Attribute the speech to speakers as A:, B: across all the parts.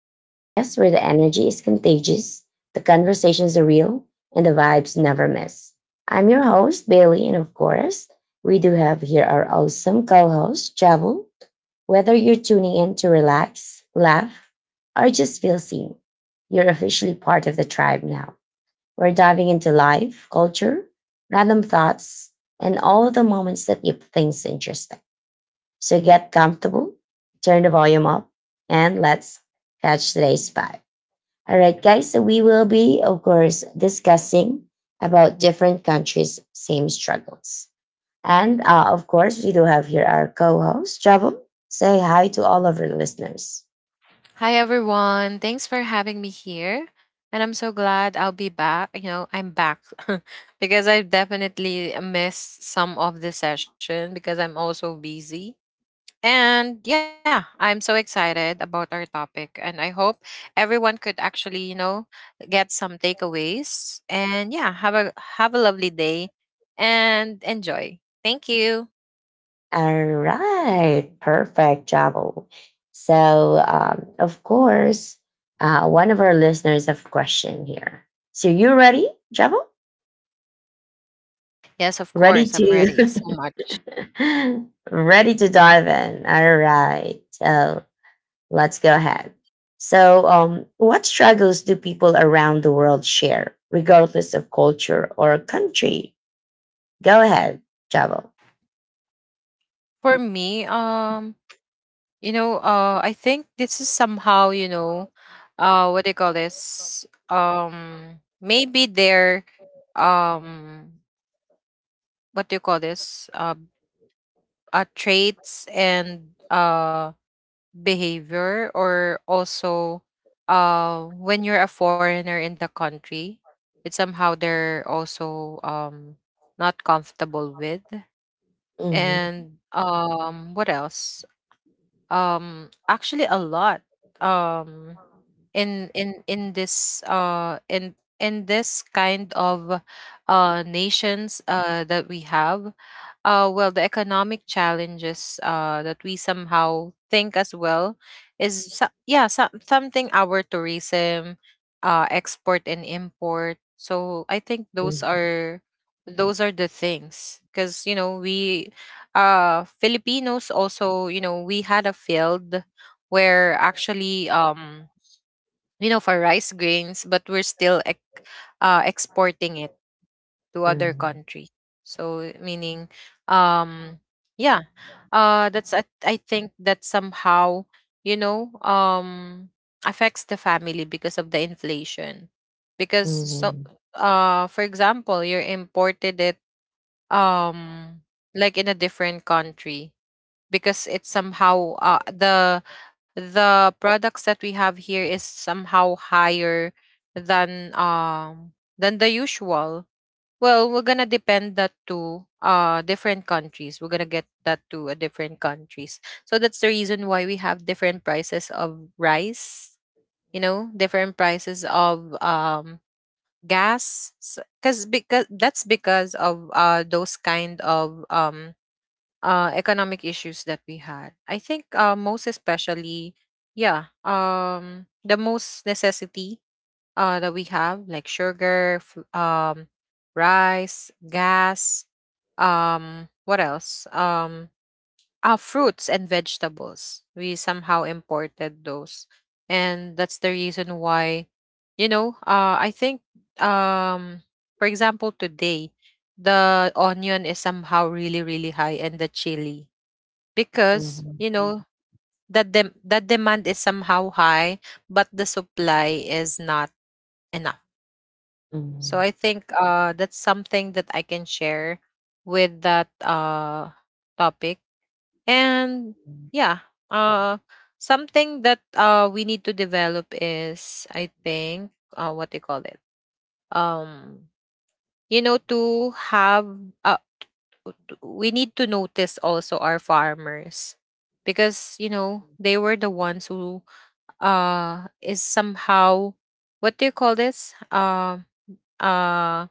A: the podcast where the energy is contagious, the conversations are real, and the vibes never miss. I'm your host, Bailey, and of course, we do have here our awesome co host, Javel. Whether you're tuning in to relax, laugh, or just feel seen, you're officially part of the tribe now. We're diving into life, culture, random thoughts, and all the moments that keep things interesting. So get comfortable, turn the volume up, and let's catch today's vibe. All right, guys. So we will be, of course, discussing about different countries' same struggles. And of course, we do have here our co-host, Javam. Say hi to all of our listeners.
B: Hi everyone. Thanks for having me here. And I'm so glad I'll be back. I'm back because I've definitely missed some of the session because I'm also busy. And yeah, I'm so excited about our topic and I hope everyone could actually, get some takeaways. And yeah, have a lovely day and enjoy. Thank you.
A: All right, perfect, Javam. Of course, one of our listeners have a question here. So you ready, Javel?
B: Yes, of
A: Ready
B: course. I'm ready
A: to?
B: so much.
A: Ready to dive in. All right. Let's go ahead. What struggles do people around the world share, regardless of culture or country? Go ahead, Javo.
B: For me, I think this is somehow what do you call this? Maybe their um what do you call this? Traits and behavior. Or also, when you're a foreigner in the country, it's somehow they're also not comfortable with.
A: Mhm,
B: And what else? Actually a lot. um in this, in this kind of nations that we have, well, the economic challenges that we somehow think as well yeah, so, something our tourism, export and import. So I think those
A: mhm,
B: are, those are the things. Because we, Filipinos, also we had a field where actually, for rice grains, but we're still exporting it to other
A: mhm,
B: country. So meaning, um, yeah, that's, I think that somehow you know um affects the family because of the inflation, because so
A: mhm,
B: for example, you imported it um like in a different country because it's somehow, the products that we have here is somehow higher than, than the usual. Well, we're gonna depend that to different countries, we're gonna get that to a different countries. So that's the reason why we have different prices of rice, different prices of gas. Because that's because of those kind of economic issues that we had. I think, most especially, yeah, the most necessity that we have, like sugar, rice, gas, what else? Ah, fruits and vegetables. We somehow imported those, and that's the reason why, I think, um, for example, today the onion is somehow really really high, and the chili because
A: mhm,
B: you know that that demand is somehow high, but the supply is not enough. So I think, that's something that I can share with that, topic. And yeah, something that, we need to develop is, I think, what do you call it? Um, to have, uh, t- we need to notice also our farmers because, they were the ones who, is somehow, what do you call this? Uh,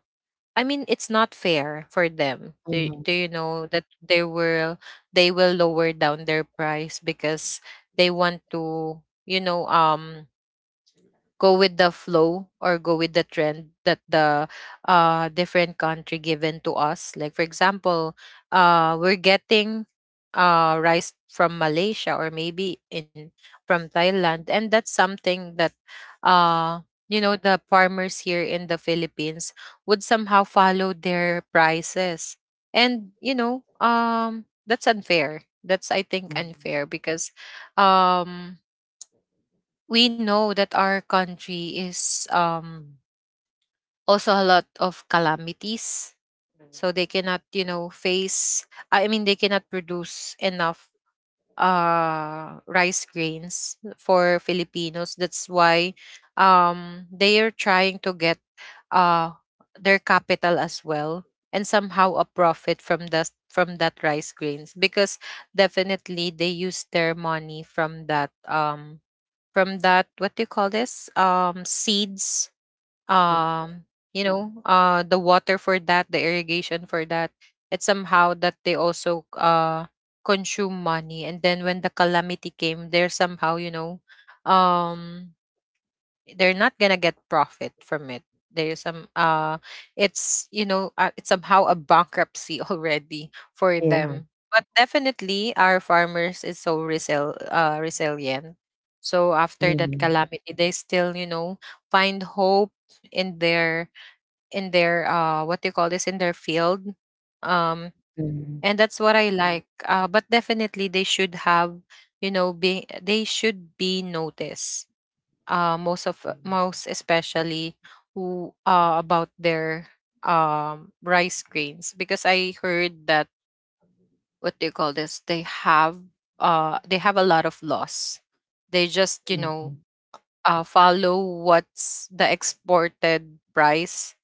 B: I mean, it's not fair for them.
A: mhm,
B: Do
A: mhm,
B: you know that they will, they will lower down their price because they want to, go with the flow or go with the trend that the, different country given to us. Like for example, we're getting, rice from Malaysia or maybe in, from Thailand. And that's something that, uh, the farmers here in the Philippines would somehow follow their prices. And that's unfair. That's, I think,
A: mhm.
B: unfair because um we know that our country is, also a lot of calamities. So they cannot, you know face I mean, they cannot produce enough rice grains for Filipinos. That's why they are trying to get uh their capital as well, and somehow a profit from that, from that rice grains. Because definitely, they use their money from that, from that, what do you call this? Seeds, um the water for that, the irrigation for that. It's somehow that they also, consume money. And then when the calamity came, they're somehow, um they're not gonna get profit from it. There's some, it's, it's somehow a bankruptcy already for
A: Yeah.
B: them. But definitely, our farmers is so resilient. So after that
A: Mhm,
B: calamity, they still find hope in their, in their, what do you call this? In their field. um
A: mhm,
B: and that's what I like. But definitely, they should have, you know be they should be noticed, most of, most especially, who about their, rice grains. Because I heard that, what do you call this? They have, they have a lot of loss. They just,
A: mhm, mhm,
B: follow what's the exported price.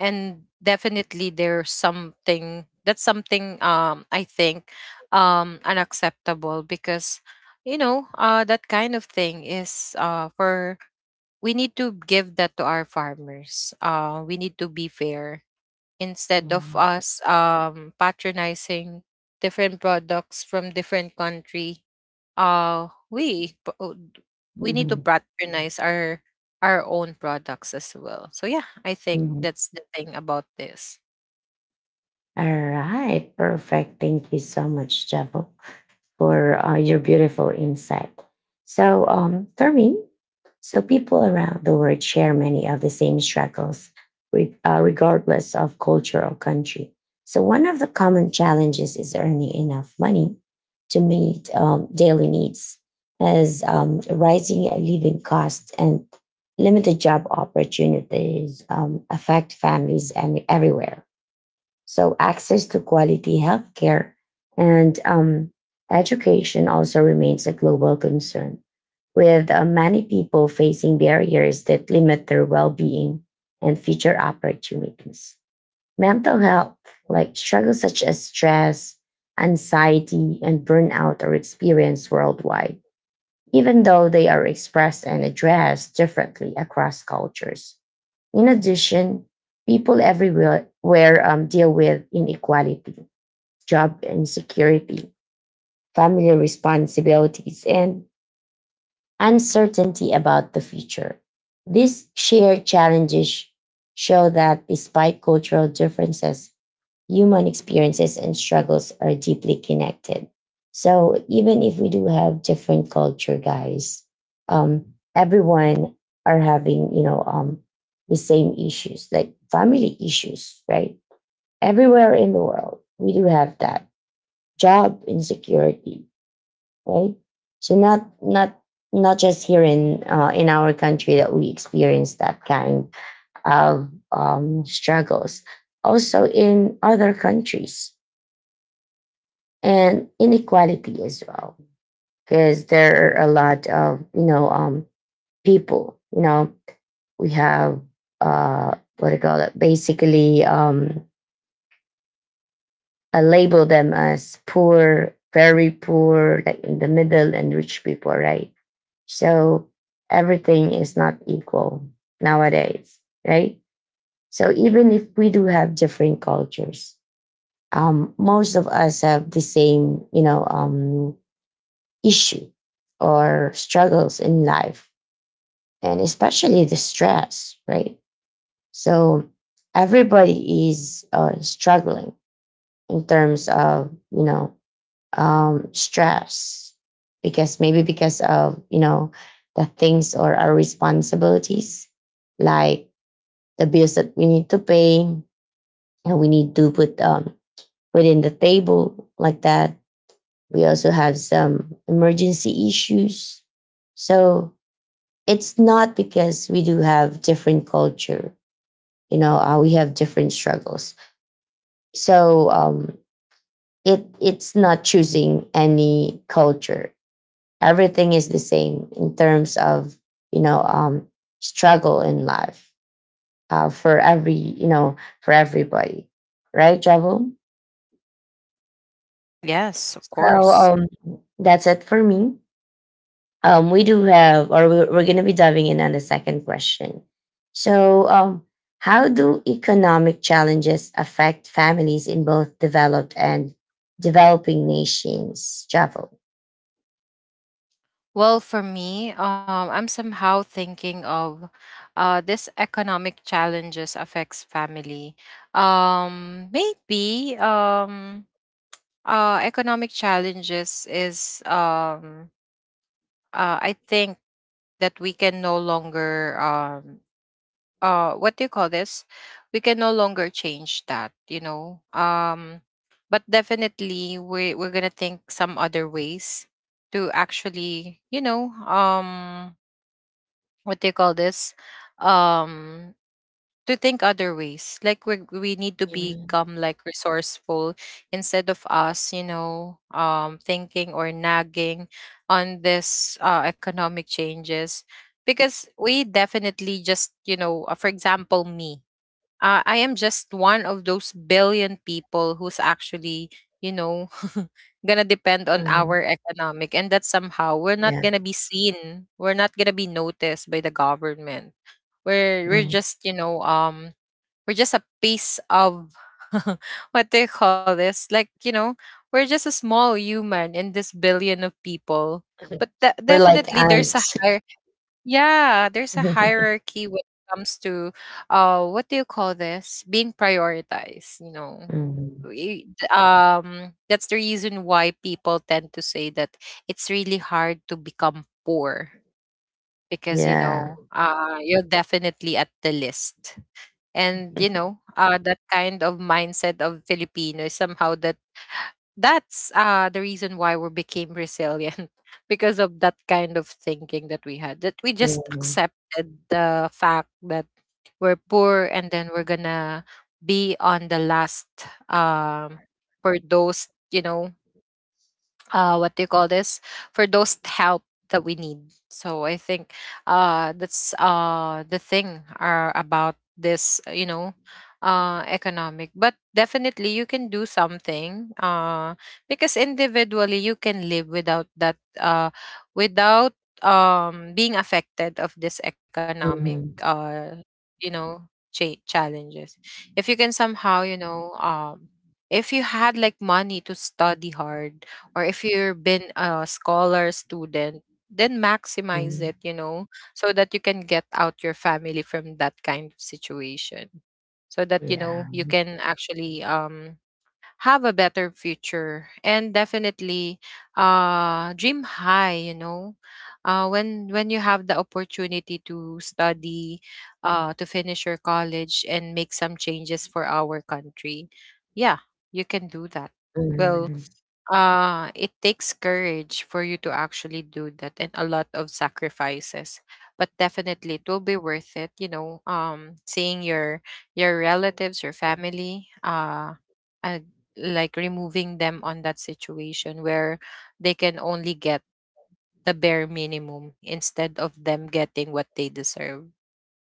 B: And definitely, there's something, that's something, I think, unacceptable. Because that kind of thing is, for we need to give that to our farmers. We need to be fair instead of us, patronizing different products from different country. We p- o- d- We need to
A: mhm,
B: patronize our own products as well. So yeah, I think
A: mhm.
B: that's the thing about this.
A: All right. Perfect. Thank you so much, Javo, for your beautiful insight. Fermin, so people around the world share many of the same struggles, regardless of culture or country. So, one of the common challenges is earning enough money to meet daily needs, as rising living costs and limited job opportunities affect families and everywhere. So access to quality healthcare and education also remains a global concern, with many people facing barriers that limit their well-being and future opportunities. Mental health, like struggles such as stress, anxiety, and burnout, are experienced worldwide, even though they are expressed and addressed differently across cultures. In addition, people everywhere deal with inequality, job insecurity, family responsibilities, and uncertainty about the future. These shared challenges show that despite cultural differences, human experiences and struggles are deeply connected. So even if we do have different culture, guys, um, everyone are having the same issues, like family issues, right? Everywhere in the world, we do have that job insecurity, right? So not just here in our country that we experience that kind of struggles, also in other countries and inequality as well, because there are a lot of people. You know, we have what do you call it? Basically, I label them as poor, very poor, like in the middle, and rich people, right? So everything is not equal nowadays, right? So even if we do have different cultures, most of us have the same, you know, issue or struggles in life, and especially the stress, right? So everybody is struggling in terms of, you know, stress because maybe because of the things or our responsibilities like the bills that we need to pay and we need to put within the table like that we also have some emergency issues. So it's not because we do have different culture, we have different struggles. So it's not choosing any culture, everything is the same in terms of you know um, struggle in life for every for everybody, right Javo?
B: Yes, of
A: so
B: course.
A: um, that's it for me. We do have, or we're going to be diving in on the second question. so um, how do economic challenges affect families in both developed and developing nations, Javo?
B: Well, for me, I'm somehow thinking of, this economic challenges affects family. Maybe economic challenges is, I think that we can no longer, what do you call this? We can no longer change that, you know. But definitely, we're gonna think some other ways to actually, what do you call this? um to think other ways. Like we need to
A: Mhm,
B: become like resourceful instead of us, thinking or nagging on this, economic changes. Because we definitely just, for example, me, I am just one of those billion people who's actually, you know, gonna depend on
A: mhm.
B: our economic. And that somehow we're not
A: Yeah.
B: gonna be seen, we're not gonna be noticed by the government. We're
A: Mhm.
B: just, you know, we're just a piece of what they call this, like you know, we're just a small human in this billion of people. But
A: We're like
B: definitely, there's a
A: ants.
B: higher. Yeah, there's a hierarchy when it comes to, what do you call this? Being prioritized, you know.
A: Mhm.
B: That's the reason why people tend to say that it's really hard to become poor because
A: Yeah.
B: you're definitely at the list. And that kind of mindset of Filipino is somehow that, that's the reason why we became resilient because of that kind of thinking that we had, that we just
A: Mhm.
B: accepted the fact that we're poor and then we're gonna be on the last. um for those, what do you call this? For those help that we need. So I think, that's, the thing, about this, economic. But definitely, you can do something, because individually, you can live without that, without being affected of this economic,
A: Mhm.
B: you know challenges. If you can somehow, if you had like money to study hard, or if you've been a scholar student, then maximize
A: Mhm.
B: it, you know. So that you can get out your family from that kind of situation. So that,
A: Yeah.
B: you can actually, have a better future. And definitely, dream high, you know. When you have the opportunity to study, to finish your college and make some changes for our country, yeah, you can do that. Well,
A: Mhm.
B: it takes courage for you to actually do that, and a lot of sacrifices. But definitely, it will be worth it, seeing your relatives, your family, uh like removing them on that situation where they can only get the bare minimum instead of them getting what they deserve.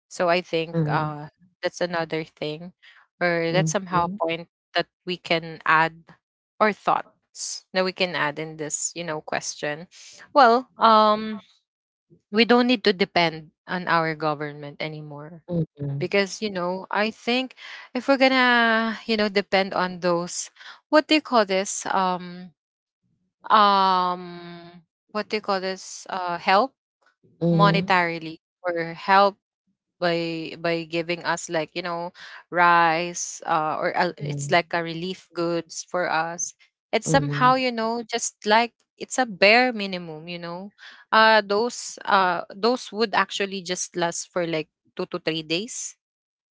B: So I think,
A: Mhm.
B: that's another thing, or that's somehow a
A: Mhm.
B: point that we can add, or thoughts that we can add in this, you know, question. Well, we don't need to depend on our government anymore.
A: Mhm.
B: Because I think if we're gonna, depend on those, what do you call this um um what do you call this? Help,
A: Mhm.
B: monetarily, or help by giving us like, you know, rice, or it's
A: Mhm.
B: like a relief goods for us. It's
A: Mhm.
B: somehow, you know, just like it's a bare minimum, you know. Those would actually just last for like 2 to 3 days.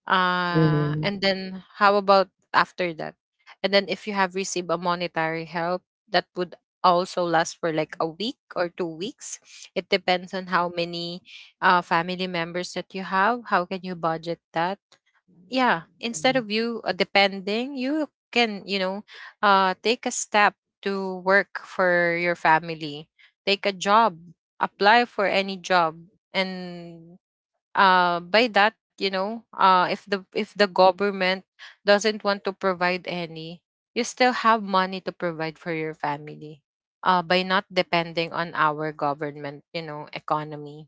A: Mhm.
B: And then how about after that? And then if you have received a monetary help, that would also last for like a week or 2 weeks. It depends on how many, family members that you have. How can you budget that? Yeah, instead
A: Mhm.
B: of you, depending, you can, you know, take a step to work for your family. Take a job, apply for any job, and by that, if the government doesn't want to provide any, you still have money to provide for your family, by not depending on our government, you know, economy.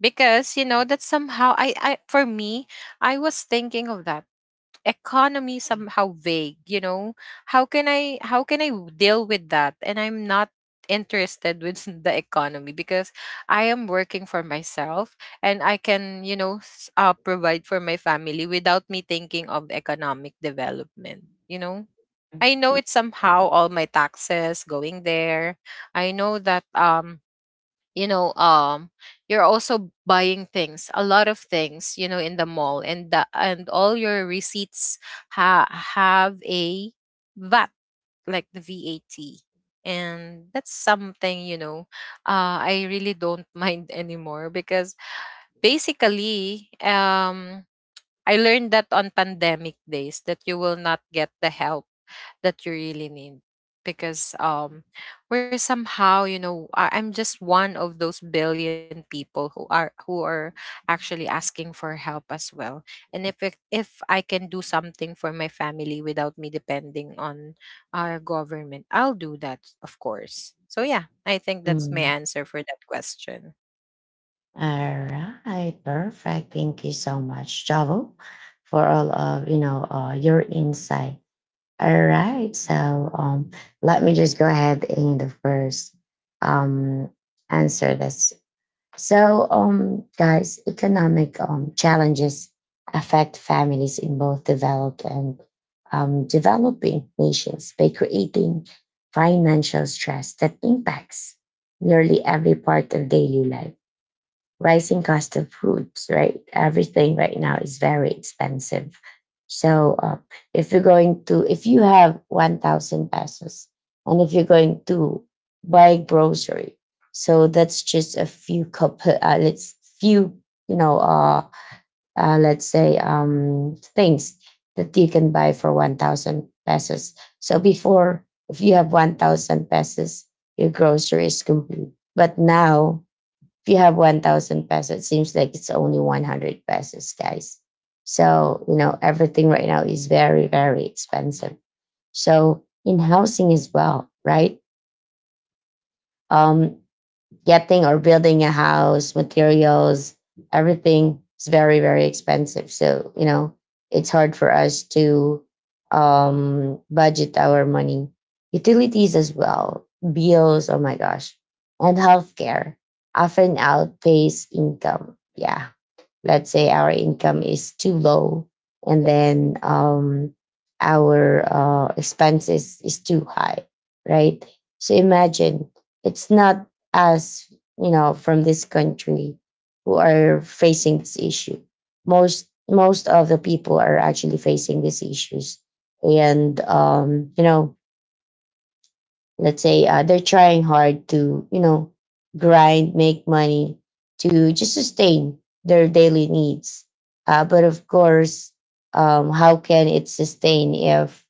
B: Because you know that somehow, I, for me, I was thinking of that economy somehow vague, you know. How can i how can I deal with that? And I'm not interested with the economy because I am working for myself, and I can, you know, provide for my family without me thinking of economic development, you know. I know it's somehow all my taxes going there. I know that you know, you're also buying things, a lot of things, you know, in the mall, and and all your receipts ha- have a vat, like the VAT. And that's something, you know, I really don't mind anymore because basically I learned that on pandemic days that you will not get the help that you really need. Because we're somehow, you know, I'm just one of those billion people who are actually asking for help as well. And if I can do something for my family without me depending on our government, I'll do that, of course. So yeah, I think that's my
A: Mhm.
B: answer for that question.
A: All right, perfect. Thank you so much, Javo, for all of your insight. All right, let me just go ahead and the first um, answer this. So, guys, economic challenges affect families in both developed and developing nations by creating financial stress that impacts nearly every part of daily life, rising cost of foods, right? Everything right now is very expensive. So if you're going to, if you have 1,000 pesos and if you're going to buy grocery, so that's just a few couple, you know, uh, let's say things that you can buy for 1,000 pesos. So before, if you have 1,000 pesos, your grocery is complete. But now if you have 1,000 pesos, it seems like it's only 100 pesos, guys. So you know everything right now is very, very expensive. So in housing as well, right? um Getting or building a house, materials, everything is very, very expensive. So, you know, it's hard for us to budget our money. Utilities as well, bills, oh my gosh, and healthcare often outpace income. Yeah, let's say our income is too low and then our expenses is too high, right? So imagine it's not us, you know, from this country who are facing this issue. Most of the people are actually facing these issues, and you know, let's say they're trying hard to you know grind make money to just sustain their daily needs, but of course how can it sustain if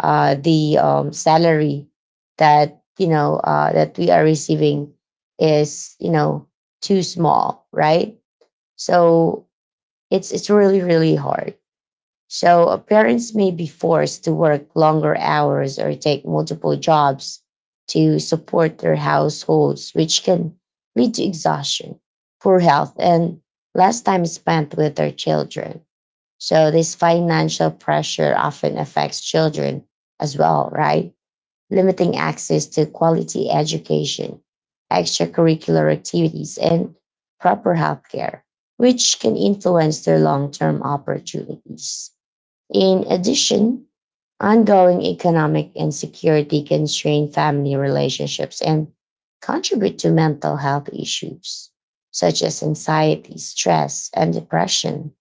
A: the salary that that we are receiving is you know too small, right? So it's really, really hard. So parents may be forced to work longer hours or take multiple jobs to support their households, which can lead to exhaustion, poor health, and less time spent with their children. So this financial pressure often affects children as well, right? Limiting access to quality education, extracurricular activities, and proper healthcare, which can influence their long-term opportunities. In addition, ongoing economic insecurity can strain family relationships and contribute to mental health issues such as anxiety, stress, and depression.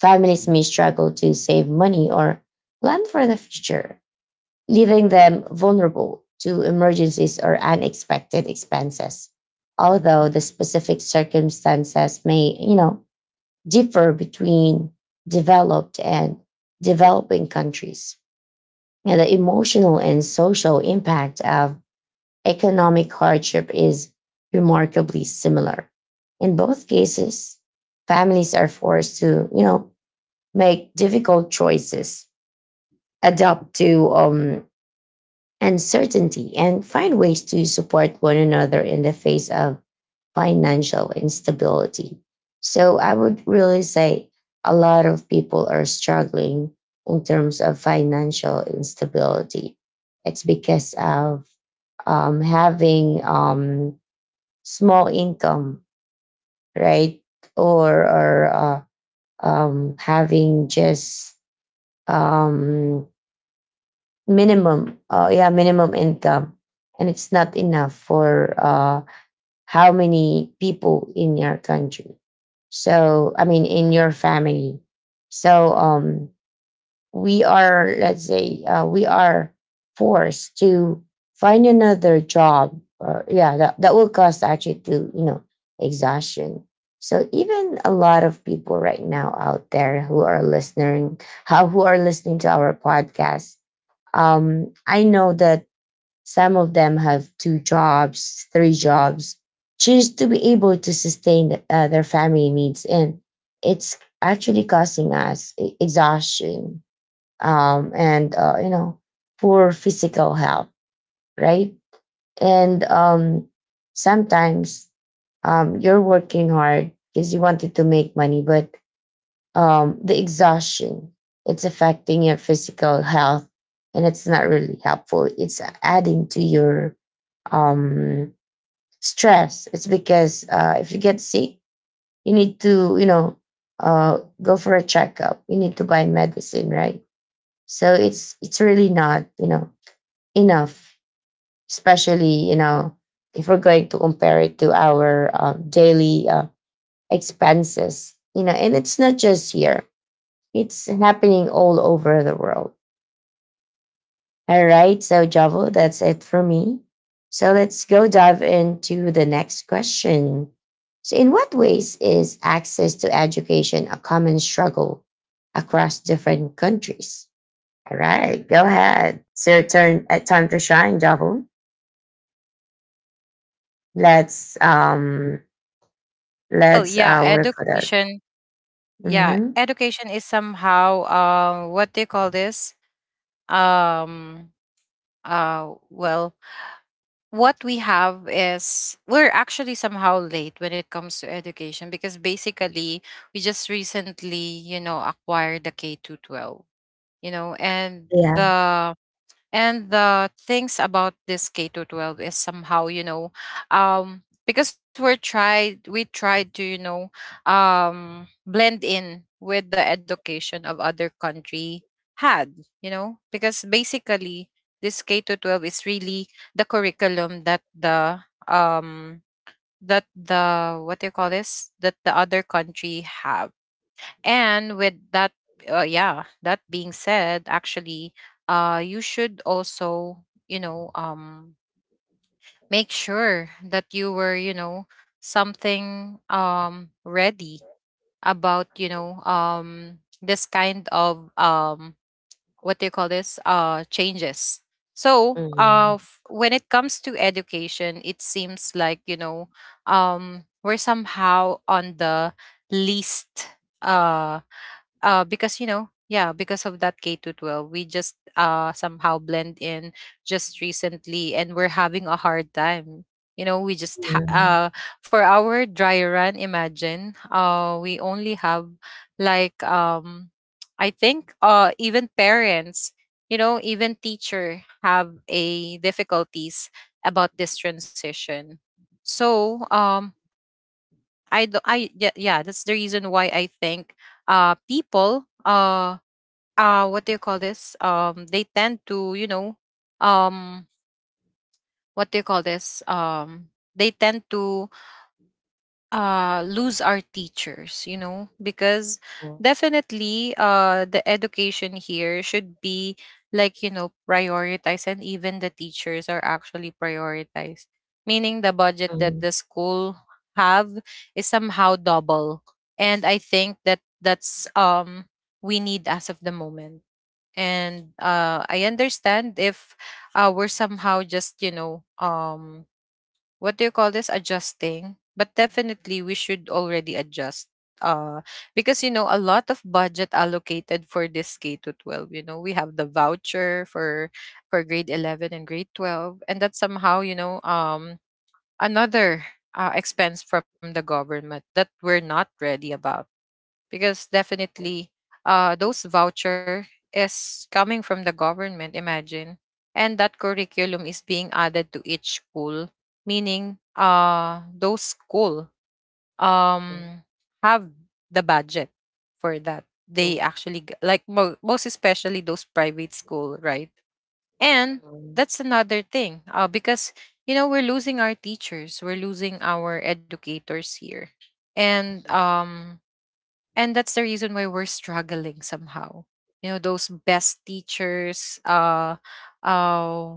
A: Families may struggle to save money or plan for the future, leaving them vulnerable to emergencies or unexpected expenses. Although the specific circumstances may, you know, differ between developed and developing countries, and the emotional and social impact of economic hardship is remarkably similar. In both cases, families are forced to, you know, make difficult choices, adapt to uncertainty, and find ways to support one another in the face of financial instability. So I would really say a lot of people are struggling in terms of financial instability. It's because of having small income, right? Or having just um, minimum income, and it's not enough for how many people in your country, so I mean in your family. So we are, let's say we are forced to find another job, or yeah, that will cost actually to you know exhaustion. So even a lot of people right now out there who are listening, how who are listening to our podcast, I know that some of them have two jobs, three jobs, just to be able to sustain their family needs, and it's actually causing us exhaustion and you know poor physical health, right? And sometimes you're working hard because you wanted to make money, but the exhaustion, it's affecting your physical health, and it's not really helpful. It's adding to your um, stress. It's because if you get sick, you need to, you know, go for a checkup. You need to buy medicine, right? So it's really not, you know, enough. Especially, you know, if we're going to compare it to our daily expenses, you know, and it's not just here. It's happening all over the world. All right. So, Javo, that's it for me. So, let's go dive into the next question. So, in what ways is access to education a common struggle across different countries? All right. Go ahead. It's your turn. Time to shine, Javo. Let's, um,
B: Well,
A: let's,
B: yeah,
A: uh, work for that.
B: education. Yeah,
A: Mm-hmm.
B: education is somehow, um, what do you call this, um uh well what we have is we're actually somehow late when it comes to education, because basically we just recently, you know, acquired the k-12 to 12, you know. And
A: Yeah.
B: the and the things about this K to 12 is somehow, you know, because we tried to, you know, blend in with the education of other country had, you know, because basically this K to 12 is really the curriculum that what do you call this, that the other country have. And with that, yeah, that being said, actually, you should also, you know, make sure that you were, you know, something, ready about, you know, this kind of what do you call this? Changes. So,
A: Mm-hmm.
B: when it comes to education, it seems like, you know, we're somehow on the least. Uh, because, you know, yeah, because of that k to 12, we just, uh, somehow blend in just recently, and we're having a hard time. You know, we just for our dry run, imagine, uh, we only have like, um, I think, uh, even parents, you know, even teacher have a difficulties about this transition. So um, I do, I yeah, yeah that's the reason why I think, uh, people, what do you call this, um, they tend to, you know, um, what do you call this, um, they tend to, lose our teachers, you know, because definitely, the education here should be like, you know, prioritized, and even the teachers are actually prioritized, meaning the budget that the school have is somehow double. And I think that that's we need as of the moment. And I understand if we're somehow just, you know, um, what do you call this, adjusting, but definitely we should already adjust, uh, because, you know, a lot of budget allocated for this K to 12. You know, we have the voucher for grade 11 and grade 12, and that's somehow, you know, um, another, expense from the government that we're not ready about, because definitely, those voucher is coming from the government, imagine. And that curriculum is being added to each school, meaning, those school, um, have the budget for that. They actually like most especially those private school, right? And that's another thing, because, you know, we're losing our teachers, we're losing our educators here. And and that's the reason why we're struggling somehow. You know, those best teachers, uh,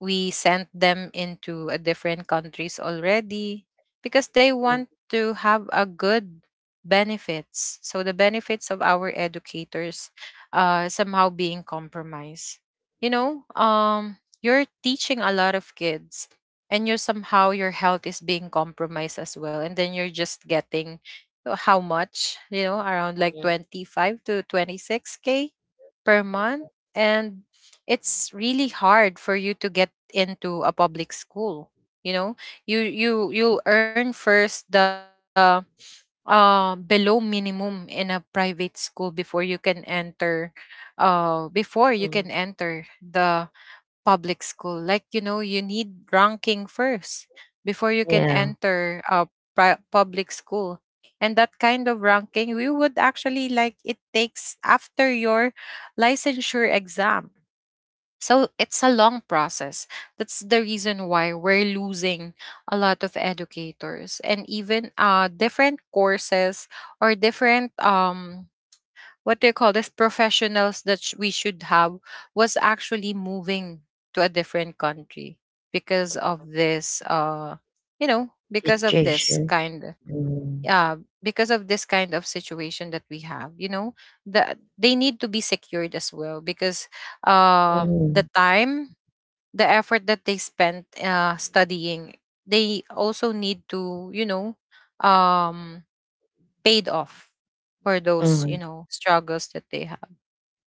B: we sent them into a different countries already because they want to have a good benefits. So the benefits of our educators, uh, somehow being compromised. You know, um, you're teaching a lot of kids, and you're somehow your health is being compromised as well. And then you're just getting, how much, you know, around like
A: Mm-hmm.
B: 25 to 26k per month. And it's really hard for you to get into a public school. You know, you you earn first the, uh, below minimum in a private school before you can enter, before you
A: Mm,
B: can enter the public school. Like, you know, you need ranking first before you can
A: yeah,
B: enter a public school. And that kind of ranking, we would actually like it takes after your licensure exam. So it's a long process. That's the reason why we're losing a lot of educators, and even different courses or different what do you call this, professionals that we should have, was actually moving to a different country because of this, uh, you know, because of this
A: situation.
B: kind,
A: Mm,
B: uh because of this kind of situation that we have. You know, the they need to be secured as well, because the
A: mm,
B: time, the effort that they spent, uh, studying, they also need to, you know, um, paid off for those, you
A: mm,
B: know, struggles that they have.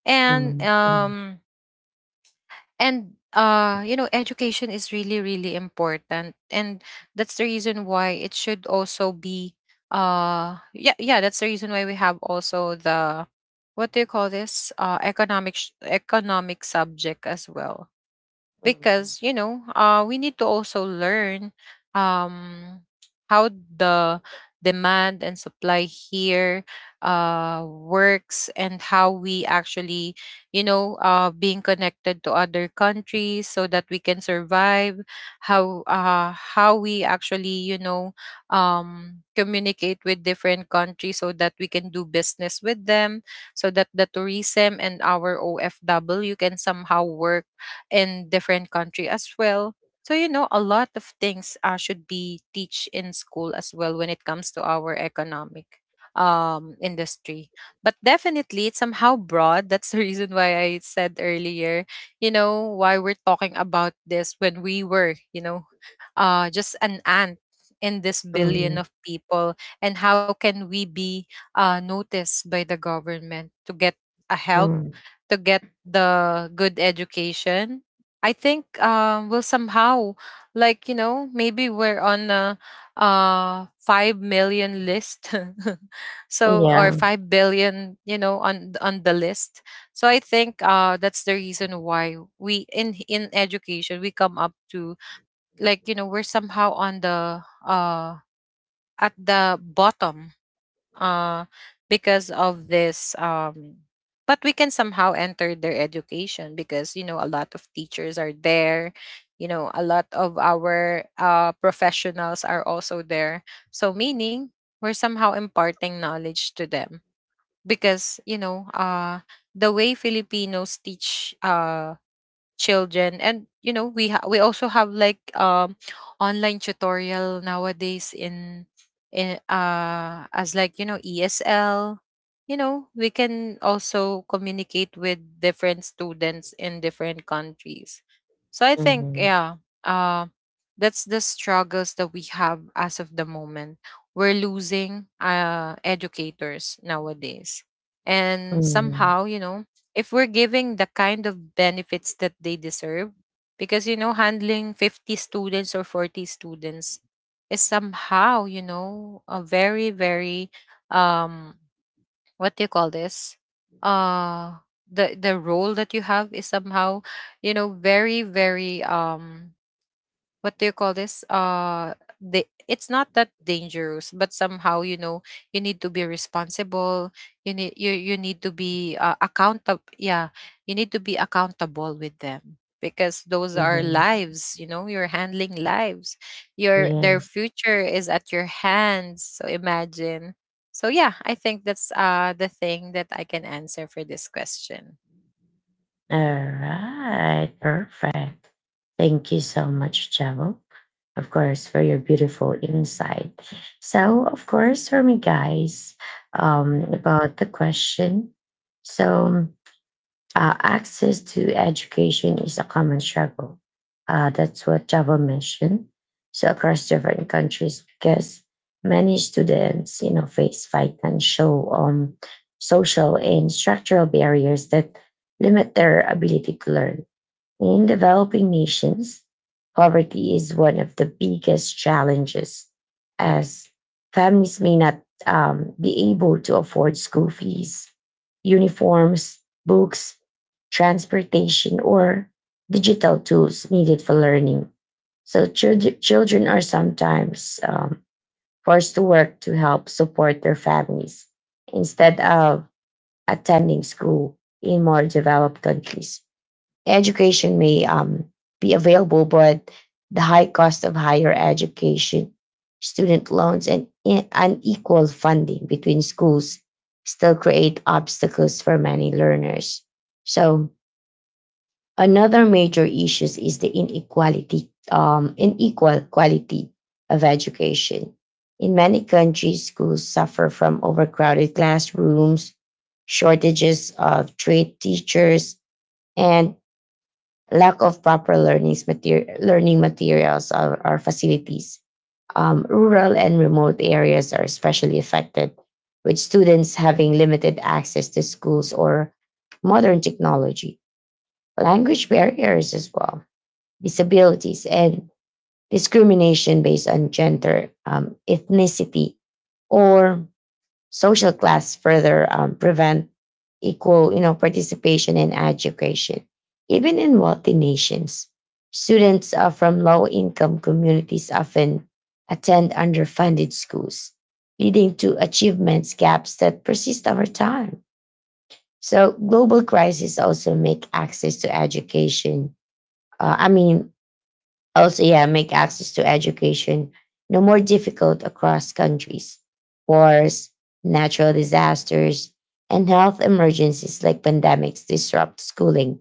B: And
A: mm, mm,
B: uh, you know, education is really really important, and that's the reason why it should also be, uh, that's the reason why we have also the, what do you call this, uh, economic economic subject as well.
A: mm,
B: Because, you know, we need to also learn, um, how the demand and supply here, works, and how we actually, you know, being connected to other countries so that we can survive. How, uh, we actually, you know, communicate with different countries so that we can do business with them, so that the tourism and our ofw can somehow work in different country as well. So, you know, a lot of things, should be teach in school as well when it comes to our economic, um, industry. But definitely it's somehow broad. That's the reason why I said earlier, you know, why we're talking about this when we were, you know, uh, just an ant in this
A: mm,
B: billion of people. And how can we be noticed by the government to get a help,
A: mm.
B: to get the good education? I think will somehow, like, you know, maybe we're on a 5 million list so or
A: Yeah.
B: 5 billion, you know, on on the list. So I think, uh, that's the reason why we in education, we come up to, like, you know, we're somehow on the, uh, at the bottom, uh, because of this, but we can somehow enter their education, because, you know, a lot of teachers are there. You know, a lot of our, professionals are also there. So, meaning, we're somehow imparting knowledge to them, because, you know, the way filipinos teach, children. And you know, we we also have like, um, online tutorial nowadays, in, as like, you know, ESL. You know, we can also communicate with different students in different countries. So I think,
A: Mhm,
B: yeah, uh, that's the struggles that we have as of the moment. We're losing educators nowadays, and
A: mhm,
B: somehow, you know, if we're giving the kind of benefits that they deserve. Because, you know, handling 50 students or 40 students is somehow, you know, a very very um, what do you call this, uh, the role that you have is somehow, you know, very very um, what do you call this, uh, the, it's not that dangerous, but somehow, you know, you need to be responsible. You need to be accountable. Yeah, you need to be accountable with them, because those are
A: mhm.
B: lives. You know, you're handling lives. Your their
A: Yes.
B: future is at your hands, so imagine. So yeah, I think that's the thing that I can answer for this question.
A: All right. Perfect. Thank you so much, Chavo. Of course, for your beautiful insight. So, of course, for me, guys, about the question. So, access to education is a common struggle. That's what Java mentioned. So across different countries, because many students, you know, face financial, social, and structural barriers that limit their ability to learn. In developing nations, poverty is one of the biggest challenges, as families may not be able to afford school fees, uniforms, books, transportation, or digital tools needed for learning. So, children are sometimes forced to work to help support their families instead of attending school. In more developed countries, education may be available, but the high cost of higher education, student loans, and unequal funding between schools still create obstacles for many learners. So, another major issue is the inequality, unequal quality of education. In many countries, schools suffer from overcrowded classrooms, shortages of trained teachers, and lack of proper learning materials or facilities. Rural and remote areas are especially affected, with students having limited access to schools or modern technology, language barriers as well, disabilities, and discrimination based on gender, ethnicity, or social class further prevent equal participation in education. Even in wealthy nations, students from low income communities often attend underfunded schools, leading to achievements gaps that persist over time. So global crises also make access to education uh, i mean also, yeah, make access to education no more difficult across countries. Wars, natural disasters, and health emergencies like pandemics disrupt schooling,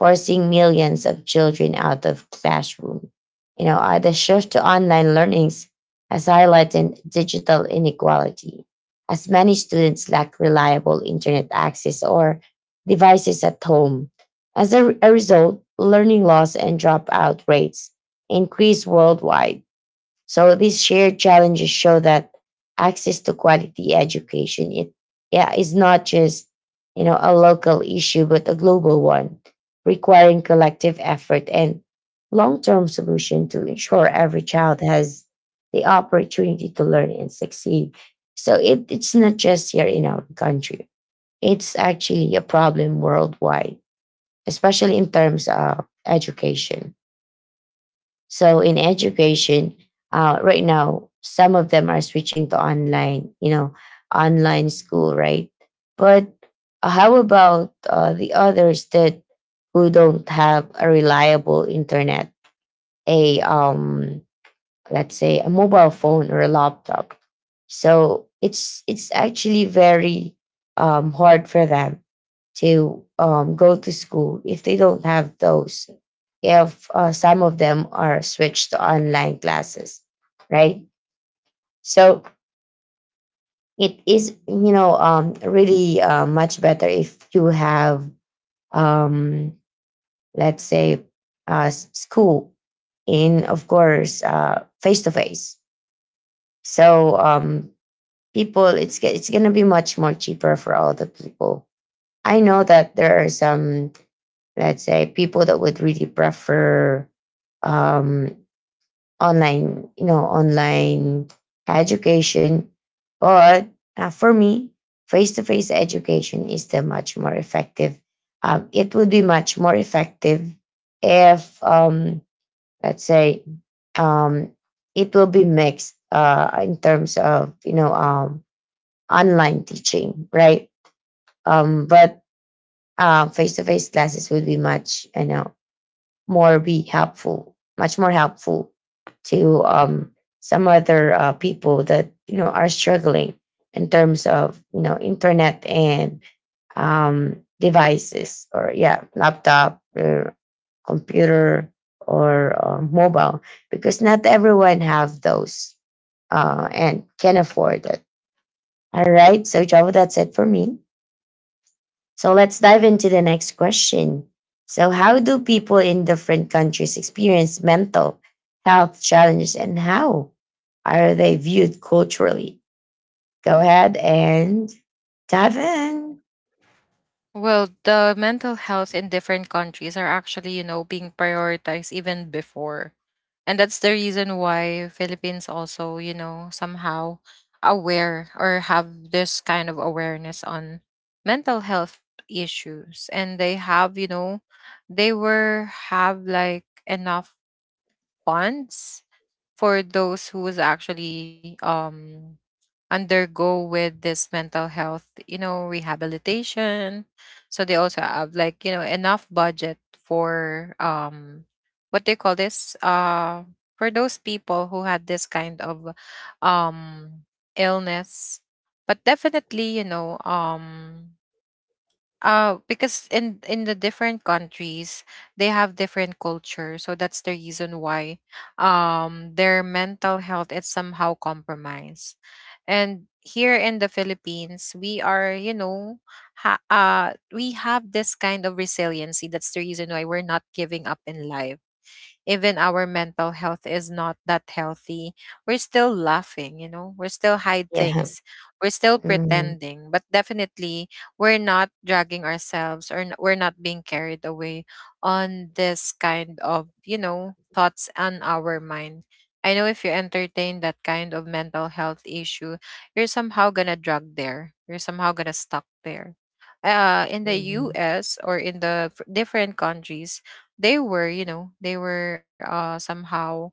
A: forcing millions of children out of classroom. The shift to online learnings has highlighted digital inequality, as many students lack reliable internet access or devices at home. As a result, learning loss and dropout rates increase worldwide. So these shared challenges show that access to quality education it yeah, is not just a local issue but a global one, requiring collective effort and long-term solution to ensure every child has the opportunity to learn and succeed. So it's not just here in our country. It's actually a problem worldwide, especially in terms of education. So in education, right now, some of them are switching to online, you know, online school, right? But how about the others that who don't have a reliable internet, a let's say a mobile phone or a laptop? So it's actually very hard for them to go to school if they don't have those. If some of them are switched to online classes, right? So it is, really much better if you have, um, let's say, s- school in, of course, face to face. So people, it's going to be much more cheaper for all the people. I know that there are some, let's say, people that would really prefer, um, online, you know, online education. But for me, face-to-face education is still much more effective. It would be much more effective if, let's say, um, it will be mixed in terms of, you know, online teaching, right? But face-to-face classes would be much, you know, much more helpful to some other people that, you know, are struggling in terms of, you know, internet and, devices, or yeah, laptop or computer, or mobile, because not everyone have those, and can afford it. All right, so Java, that's it for me. So let's dive into the next question. So, how do people in different countries experience mental health challenges, and how are they viewed culturally? Go ahead and dive in.
B: Well, the mental health in different countries are actually, you know, being prioritized even before. And that's the reason why Philippines also, you know, somehow aware or have this kind of awareness on mental health issues. And they have, you know, they were have like enough funds for those who was actually undergo with this mental health, you know, rehabilitation. So they also have like, you know, enough budget for um, what they call this? Uh, for those people who had this kind of um illness. But definitely, you know, um, because in the different countries, they have different culture, so that's the reason why their mental health is somehow compromised. And here in the Philippines, we are, you know, we have this kind of resiliency. That's the reason why we're not giving up in life even our mental health is not that healthy. We're still laughing, we're still hide
A: Yeah.
B: things, we're still
A: Mm,
B: pretending. But definitely we're not dragging ourselves or we're not being carried away on this kind of, thoughts on our mind. I know if you entertain that kind of mental health issue, you're somehow gonna drug there. You're somehow gonna stuck there. In the
A: mm,
B: US or in the different countries, they were they were somehow,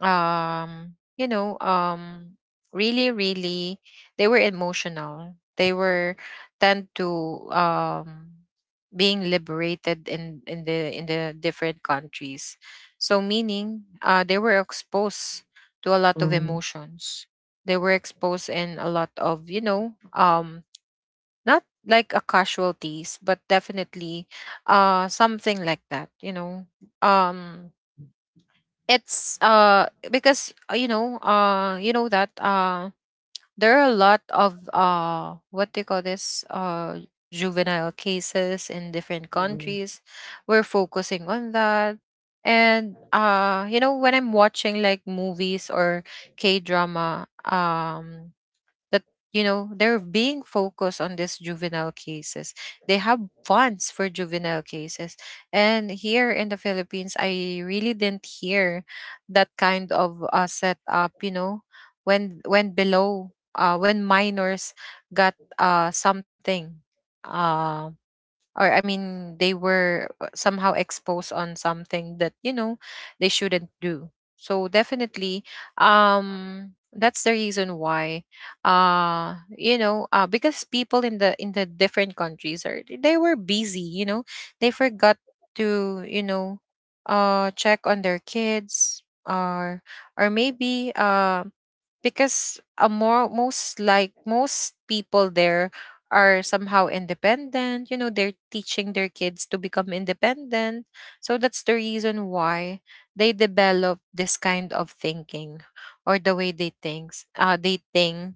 B: um you know um really, really, they were emotional, they were tend to being liberated in the different countries. So meaning they were exposed to a lot of
A: mm,
B: emotions. They were exposed in a lot of, not like a casualties, but definitely something like that, you know um it's because you know that there are a lot of what do you call this, juvenile cases in different
A: mm.
B: countries we're focusing on that. And you know, when I'm watching like movies or K drama, that, you know, they're being focused on these juvenile cases. They have funds for juvenile cases. And here in the Philippines, I really didn't hear that kind of setup, you know. When below when minors got something, um or I mean, they were somehow exposed on something that, you know, they shouldn't do. So definitely, that's the reason why, you know, because people in the different countries are, they were busy. You know, they forgot to, you know, check on their kids, or maybe because more most like most people there are somehow independent. You know, they're teaching their kids to become independent. So that's the reason why they develop this kind of thinking, or the way they thinks they think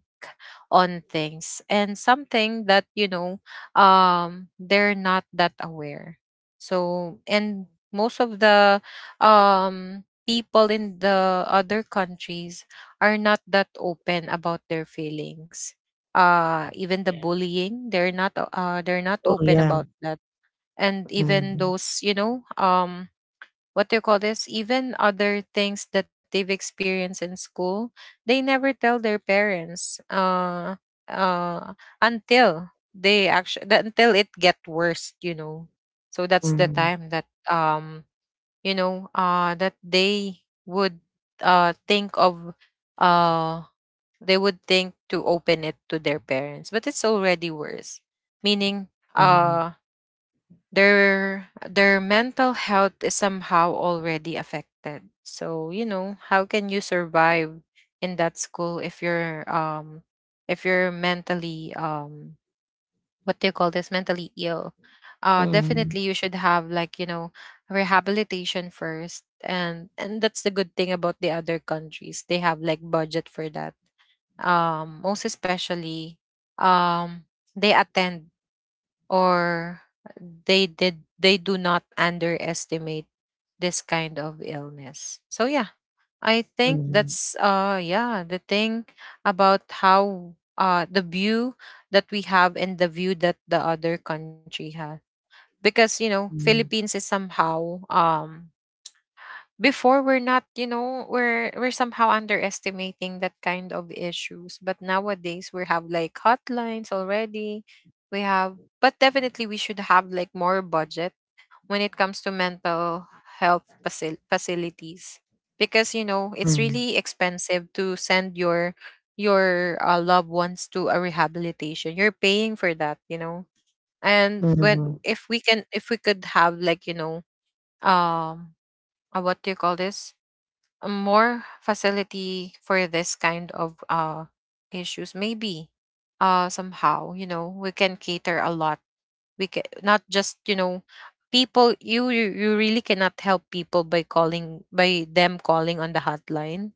B: on things and something that, you know, they're not that aware. So, and most of the people in the other countries are not that open about their feelings. Even the bullying, they're not
A: Oh,
B: open
A: yeah.
B: about that, and even
A: Mm,
B: those, what do you call this, even other things that they've experienced in school, they never tell their parents, uh until they actually, until it get worse, you know. So that's the
A: mm,
B: time that you know, that they would think of, uh they would think to open it to their parents, but it's already worse. Meaning,
A: mm,
B: uh their mental health is somehow already affected. So you know, how can you survive in that school if you're mentally what do you call this, mentally ill.
A: mm, mm,
B: Definitely you should have like, you know, rehabilitation first. And that's the good thing about the other countries: they have like budget for that. Most especially, um they attend, or they did they do not underestimate this kind of illness. So yeah, I think
A: mm,
B: that's the thing about how the view that we have and the view that the other country has. Because, you know,
A: mm,
B: Philippines is somehow before, we're not, you know, we're somehow underestimating that kind of issues, but nowadays we have like hotlines already. We have, but definitely we should have like more budget when it comes to mental health facilities, because, you know, it's
A: mm,
B: really expensive to send your loved ones to a rehabilitation. You're paying for that, you know. And when if we can, if we could have like, you know, um what do you call this, a more facility for this kind of issues, maybe somehow, you know, we can cater a lot. We can not just, you know, people, you really cannot help people by calling, by them calling on the hotline.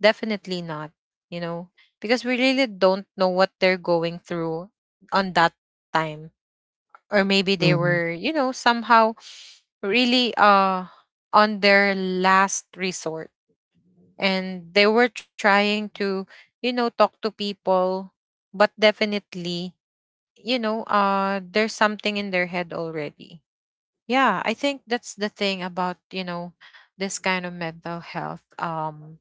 B: Definitely not, you know, because we really don't know what they're going through on that time, or maybe they
A: mm,
B: were, you know, somehow really on their last resort, and they were trying to, you know, talk to people. But definitely, you know, there's something in their head already. Yeah, I think that's the thing about, you know, this kind of mental health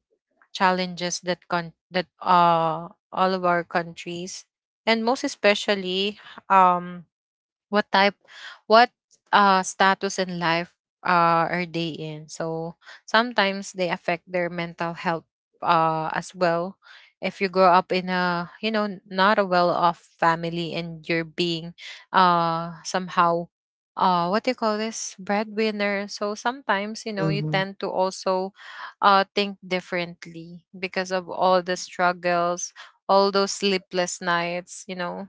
B: challenges that con that all of our countries. And most especially, um what type, what status in life are they in. So sometimes they affect their mental health as well. If you grow up in a, you know, not a well-off family, and you're being somehow what do you call this, breadwinner, so sometimes, you know, you
A: mm,
B: tend to also think differently because of all the struggles, all those sleepless nights, you know,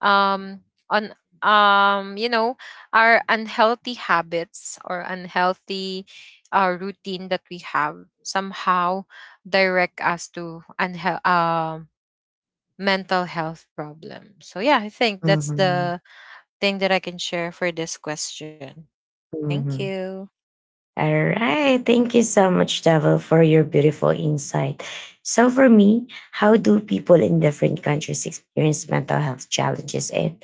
B: um on you know, our unhealthy habits, or unhealthy routine that we have somehow direct us to mental health problems. So yeah, I think that's
A: mm,
B: the thing that I can share for this question. Thank
A: mm, mm.
B: you.
A: All right. Thank you so much, Devil, for your beautiful insight. So, for me, how do people in different countries experience mental health challenges? And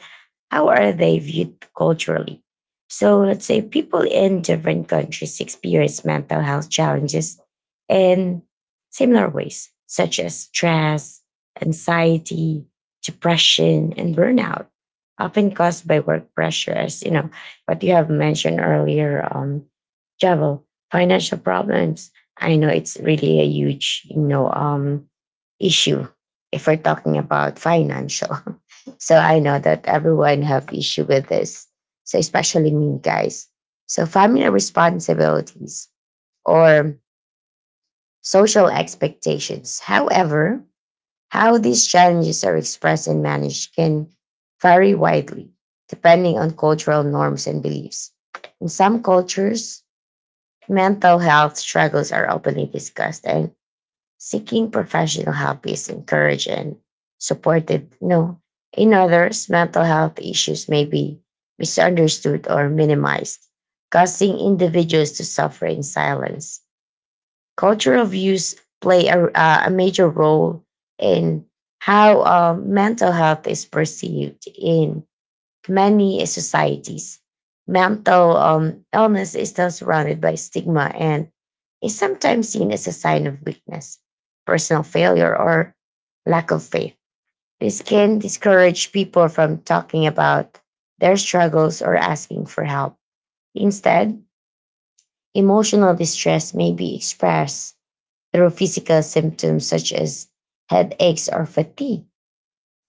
A: how are they viewed culturally? So let's say people in different countries experience mental health challenges in similar ways, such as stress, anxiety, depression, and burnout, often caused by work pressure. As you know, what you have mentioned earlier, Javel, financial problems. I know it's really a huge, you know, issue if we're talking about financial. So I know that everyone have issue with this. So especially me, guys. So family responsibilities or social expectations. However, how these challenges are expressed and managed can vary widely depending on cultural norms and beliefs. In some cultures, mental health struggles are openly discussed, and seeking professional help is encouraged and supported. You know, in others, mental health issues may be misunderstood or minimized, causing individuals to suffer in silence. Cultural views play a major role in how mental health is perceived in many societies. Mental illness is still surrounded by stigma and is sometimes seen as a sign of weakness, personal failure, or lack of faith. This can discourage people from talking about their struggles or asking for help. Instead, emotional distress may be expressed through physical symptoms such as headaches or fatigue.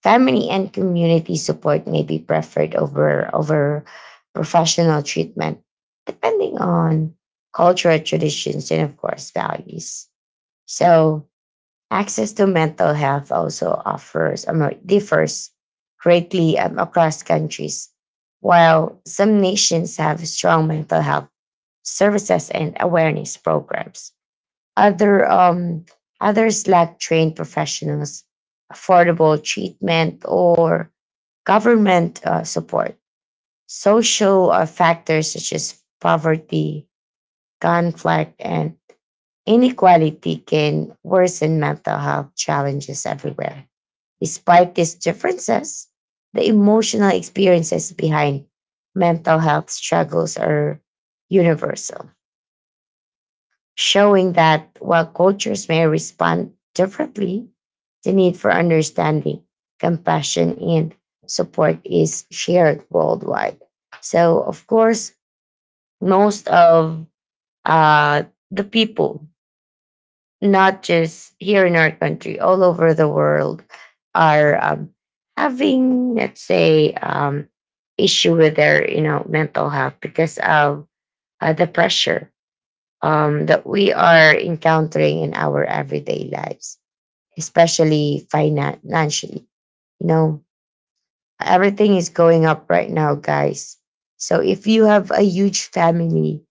A: Family and community support may be preferred over professional treatment, depending on cultural traditions and, of course, values. So access to mental health also offers, differs greatly across countries. While some nations have strong mental health services and awareness programs, other um others lack trained professionals, affordable treatment, or government support. Social factors such as poverty, conflict, and inequality can worsen mental health challenges everywhere. Despite these differences, the emotional experiences behind mental health struggles are universal, showing that while cultures may respond differently, the need for understanding, compassion, and support is shared worldwide. So, of course, most of uh, the people, not just here in our country, all over the world, are having, let's say, issue with their, you know, mental health because of the pressure that we are encountering in our everyday lives, especially financially. You know, everything is going up right now, guys. So if you have a huge family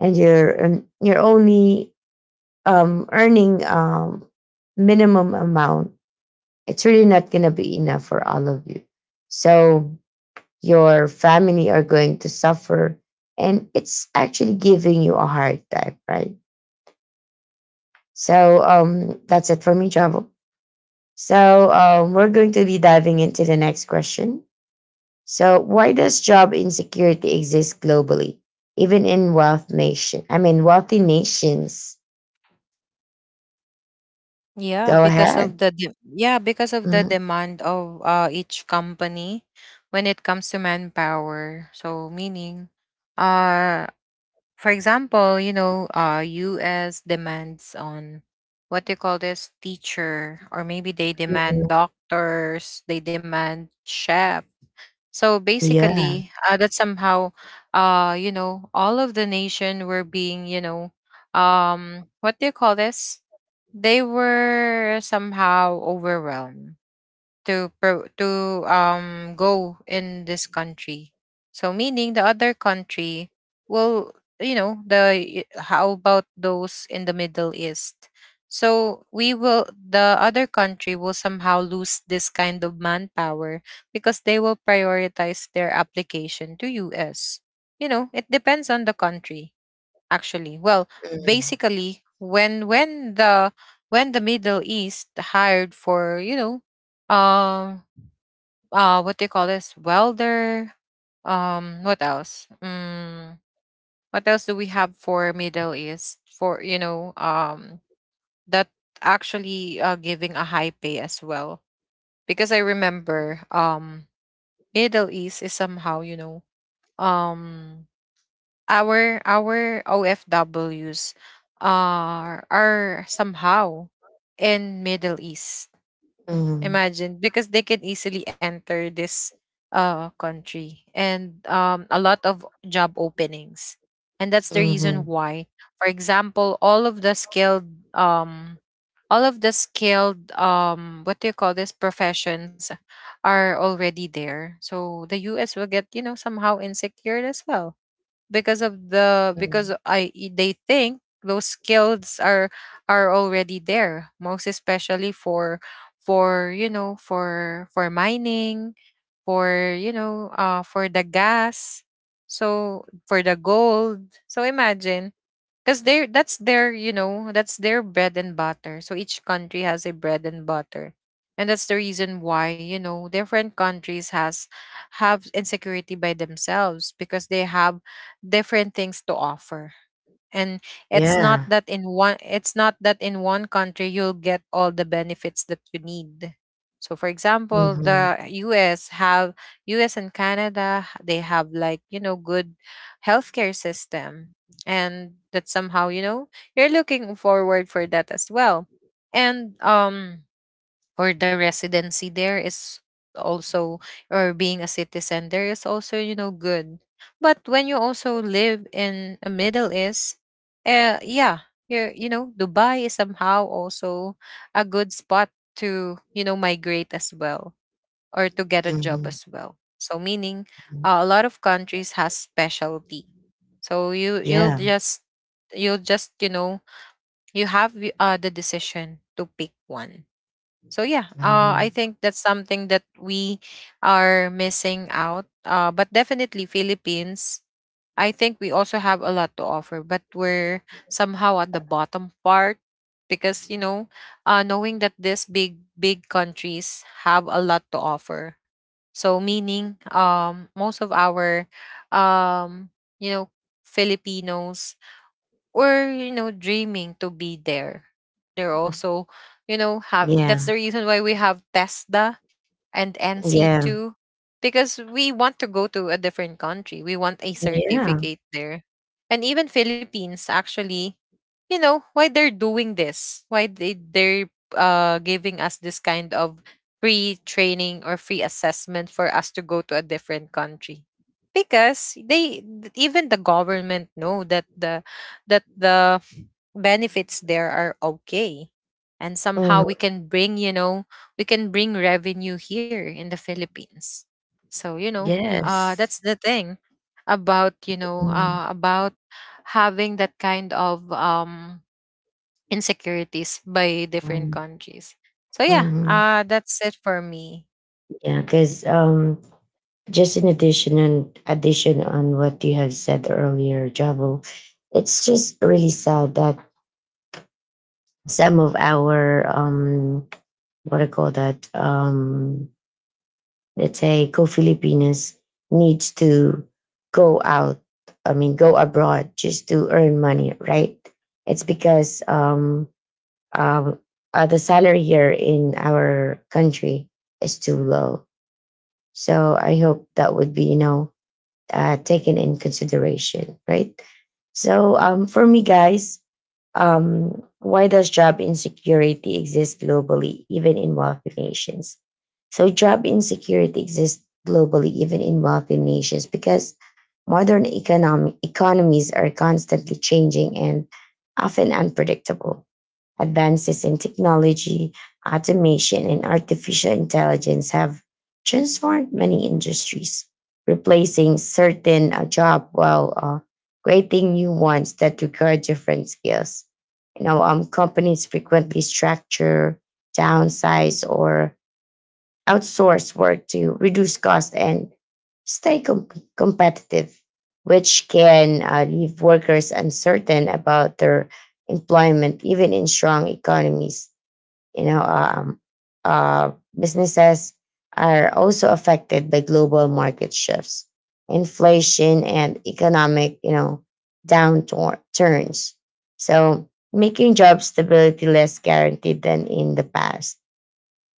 A: and you're only earning minimum amount, it's really not gonna be enough for all of you. So your family are going to suffer, and it's actually giving you a hard time, right? So that's it for me, Java. So we're going to be diving into the next question. So why does job insecurity exist globally, even in wealth nation? I mean, wealthy nations.
B: Yeah,
A: Go
B: because of
A: ahead.
B: the yeah, because of the
A: Mhm.
B: demand of each company when it comes to manpower. So meaning uh for example, you know, US demands on what they call this teacher, or maybe they demand
A: Mhm.
B: doctors, they demand chef. So
A: Yeah.
B: basically, that somehow, you know, all of the nation were being, you know, what do you call this? They were somehow overwhelmed to go in this country. So meaning the other country will, you know, how about those in the Middle East? So we will, the other country will somehow lose this kind of manpower, because they will prioritize their application to us. You know, it depends on the country, actually. Well,
A: Mhm.
B: basically, when the, when the Middle East hired for, you know, um what they call this, welder, what else, what else do we have for Middle East for, you know, that actually giving a high pay as well. Because I remember, Middle East is somehow, you know, um our OFWs are somehow in Middle East.
A: Mhm.
B: Imagine, because they can easily enter this country, and a lot of job openings. And that's the reason
A: Mhm.
B: why, for example, all of the skilled what do you call this, professions are already there. So the US will get, you know, somehow insecure as well, because of the, because
A: Mhm.
B: I, they think those skills are already there, most especially for, you know, for mining, for, you know, for the gas, so for the gold. So imagine, because they're, that's their, you know, that's their bread and butter, so each country has a bread and butter. And that's the reason why, you know, different countries has have insecurity by themselves, because they have different things to offer. And it's not
A: Yeah.
B: that in one, it's not that in one country you'll get all the benefits that you need. So for example,
A: Mhm.
B: the us have, US and Canada, they have like, you know, good healthcare system, and that somehow, you know, you're looking forward for that as well. And or the residency there is also, or being a citizen there is also, you know, good. But when you also live in a Middle East, yeah, you know, Dubai is somehow also a good spot to, you know, migrate as well, or to get a job
A: Mhm.
B: as well. So meaning
A: Mhm.
B: a lot of countries has specialty. So you'll
A: Yeah.
B: just, you'll just, you know, you have the decision to pick one. So yeah, I
A: Mhm.
B: think that's something that we are missing out. But definitely Philippines, I think we also have a lot to offer, but we're somehow at the bottom part, because, you know, knowing that these big big countries have a lot to offer. So meaning, most of our, um, you know, Filipinos, or you know, dreaming to be there, they're also, you know, have,
A: Yeah.
B: that's the reason why we have Tesda and
A: Yeah.
B: NC2, because we want to go to a different country, we want a
A: Yeah.
B: certificate there. And even Philippines actually, you know, why they're doing this, why they're giving us this kind of free training or free assessment for us to go to a different country, because they even the government know that the, that the benefits there are okay, and somehow we
A: Mhm.
B: can bring, you know, we can bring revenue here in the Philippines. So you know,
A: Yes.
B: that's the thing about, you know,
A: Mhm.
B: about having that kind of insecurities by different countries. So yeah,
A: Mhm.
B: that's it for me.
A: Yeah, because just in addition and addition on what you have said earlier, Javo, it's just really sad that some of our, what I call that, let's say co-Filipinas, needs to go out. I mean, go abroad just to earn money, right? It's because, um, the salary here in our country is too low. So I hope that would be, you know, taken in consideration, right? So, for me, guys, why does job insecurity exist globally, even in wealthy nations? So, job insecurity exists globally, even in wealthy nations, because modern economic economies are constantly changing and often unpredictable. Advances in technology, automation, and artificial intelligence have transformed many industries, replacing certain jobs while creating new ones that require different skills. You know, companies frequently structure, downsize, or outsource work to reduce cost and stay competitive, which can leave workers uncertain about their employment, even in strong economies. You know, uh, businesses are also affected by global market shifts, inflation, and economic, you know, downturns. So making job stability less guaranteed than in the past.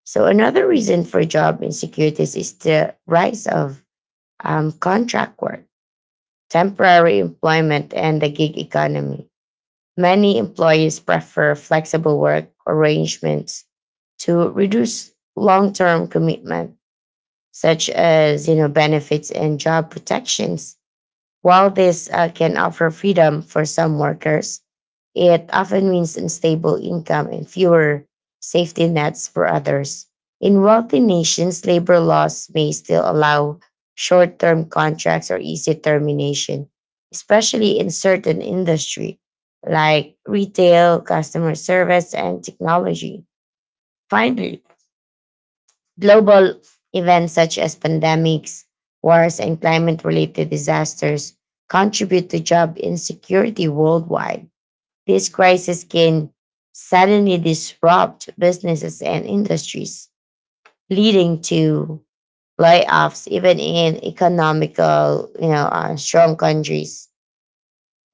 A: So another reason for job insecurities is the rise of contract work, temporary employment, and the gig economy. Many employees prefer flexible work arrangements to reduce long-term commitment, such as, you know, benefits and job protections. While this can offer freedom for some workers, it often means unstable income and fewer safety nets for others. In wealthy nations, labor laws may still allow short term contracts or easy termination, especially in certain industries like retail, customer service, and technology. Finally, global events such as pandemics, wars, and climate related disasters contribute to job insecurity worldwide. This crisis can suddenly disrupt businesses and industries, leading to layoffs even in economical, you know, strong countries.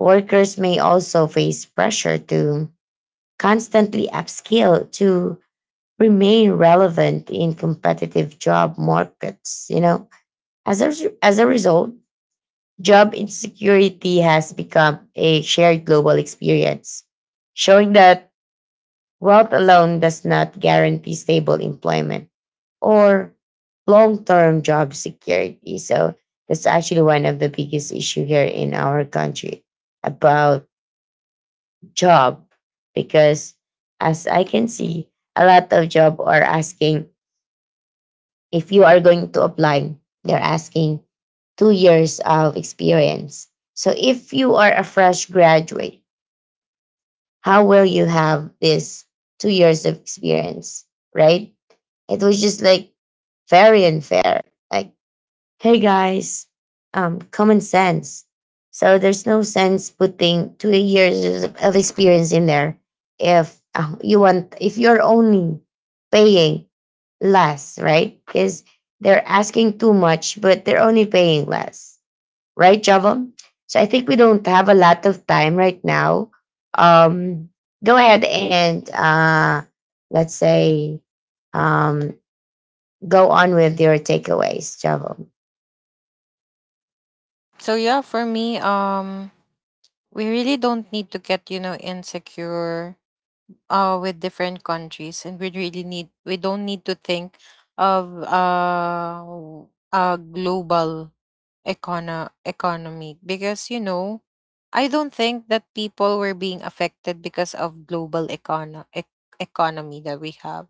A: Workers may also face pressure to constantly upskill to remain relevant in competitive job markets, you know. As a result, job insecurity has become a shared global experience, showing that wealth alone does not guarantee stable employment or long term job security. So, that's actually one of the biggest issue here in our country about job, because as I can see a lot of job are asking, if you are going to apply, they're asking 2 years of experience. So if you are a fresh graduate, how will you have this 2 years of experience, right? It was just like very unfair. Like, hey guys, common sense. So there's no sense putting 2 years of experience in there if you want if you're only paying less, right? Because they're asking too much, but they're only paying less, right, Java? So I think we don't have a lot of time right now. Um, go ahead and let's say, um, go on with your takeaways, Java.
B: So yeah, for me, we really don't need to get, you know, insecure with different countries, and we really need, we don't need to think of a global economy. Because, you know, I don't think that people were being affected because of global economy that we have.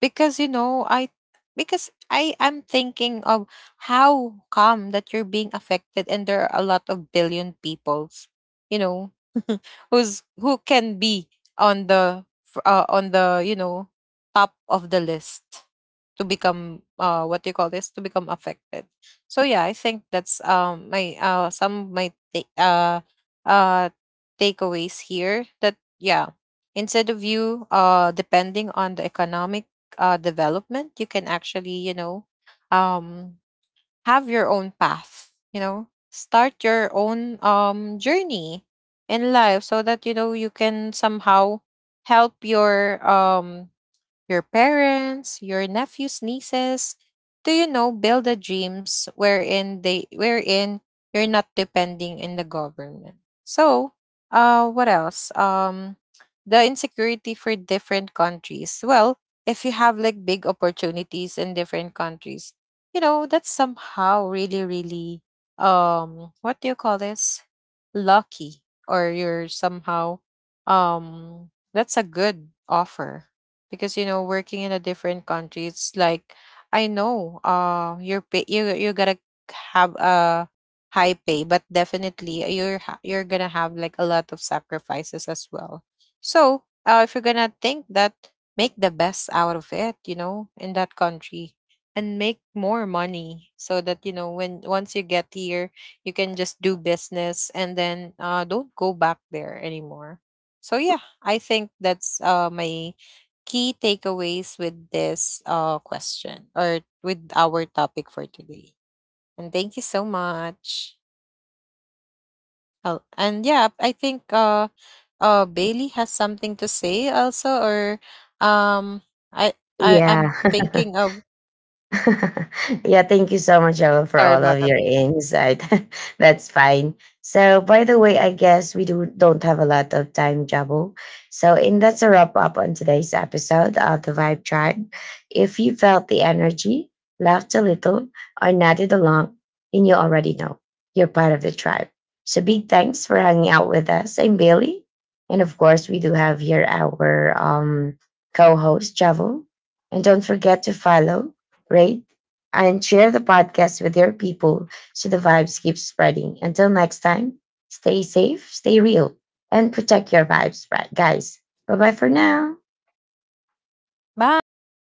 B: Because you know, I am thinking of, how come that you're being affected, and there are a lot of billion peoples, you know, who's, who can be on the on the, you know, top of the list to become what do you call this, to become affected. So yeah, I think that's my, some of my uh takeaways here, that yeah, instead of you depending on the economic development, you can actually, you know, um, have your own path, you know, start your own journey in life, so that, you know, you can somehow help your parents, your nephews, nieces, do you know, build a dreams wherein they, wherein you're not depending in the government. So, what else? The insecurity for different countries. Well, if you have like big opportunities in different countries, you know, that's somehow really, really, what do you call this? Lucky, or you're somehow, that's a good offer, because, you know, working in a different country, it's like, I know you're pay, you're gonna have a high pay, but definitely you're you're gonna have like a lot of sacrifices as well. So if you're gonna think that, make the best out of it, you know, in that country, and make more money, so that, you know, when, once you get here, you can just do business, and then don't go back there anymore. So yeah, I think that's my key takeaways with this question, or with our topic for today. And thank you so much. Oh, and yeah, I think Bailey has something to say also, or um, I, I'm
A: Yeah.
B: thinking of.
A: Yeah, thank you so much,
B: Sorry
A: Joel,
B: about
A: for
B: that.
A: all of your insight. That's fine. So, by the way, I guess we do don't have a lot of time, Jabo. So, and that's a wrap up on today's episode of the Vibe Tribe. If you felt the energy, laughed a little, or nodded along, then you already know you're part of the tribe. So, big thanks for hanging out with us. I'm Bailey, and of course, we do have here our, co-host Javo. And don't forget to follow, rate, and share the podcast with your people so the vibes keep spreading. Until next time, stay safe, stay real, and protect your vibes, right, guys. Bye bye for now.
B: Bye.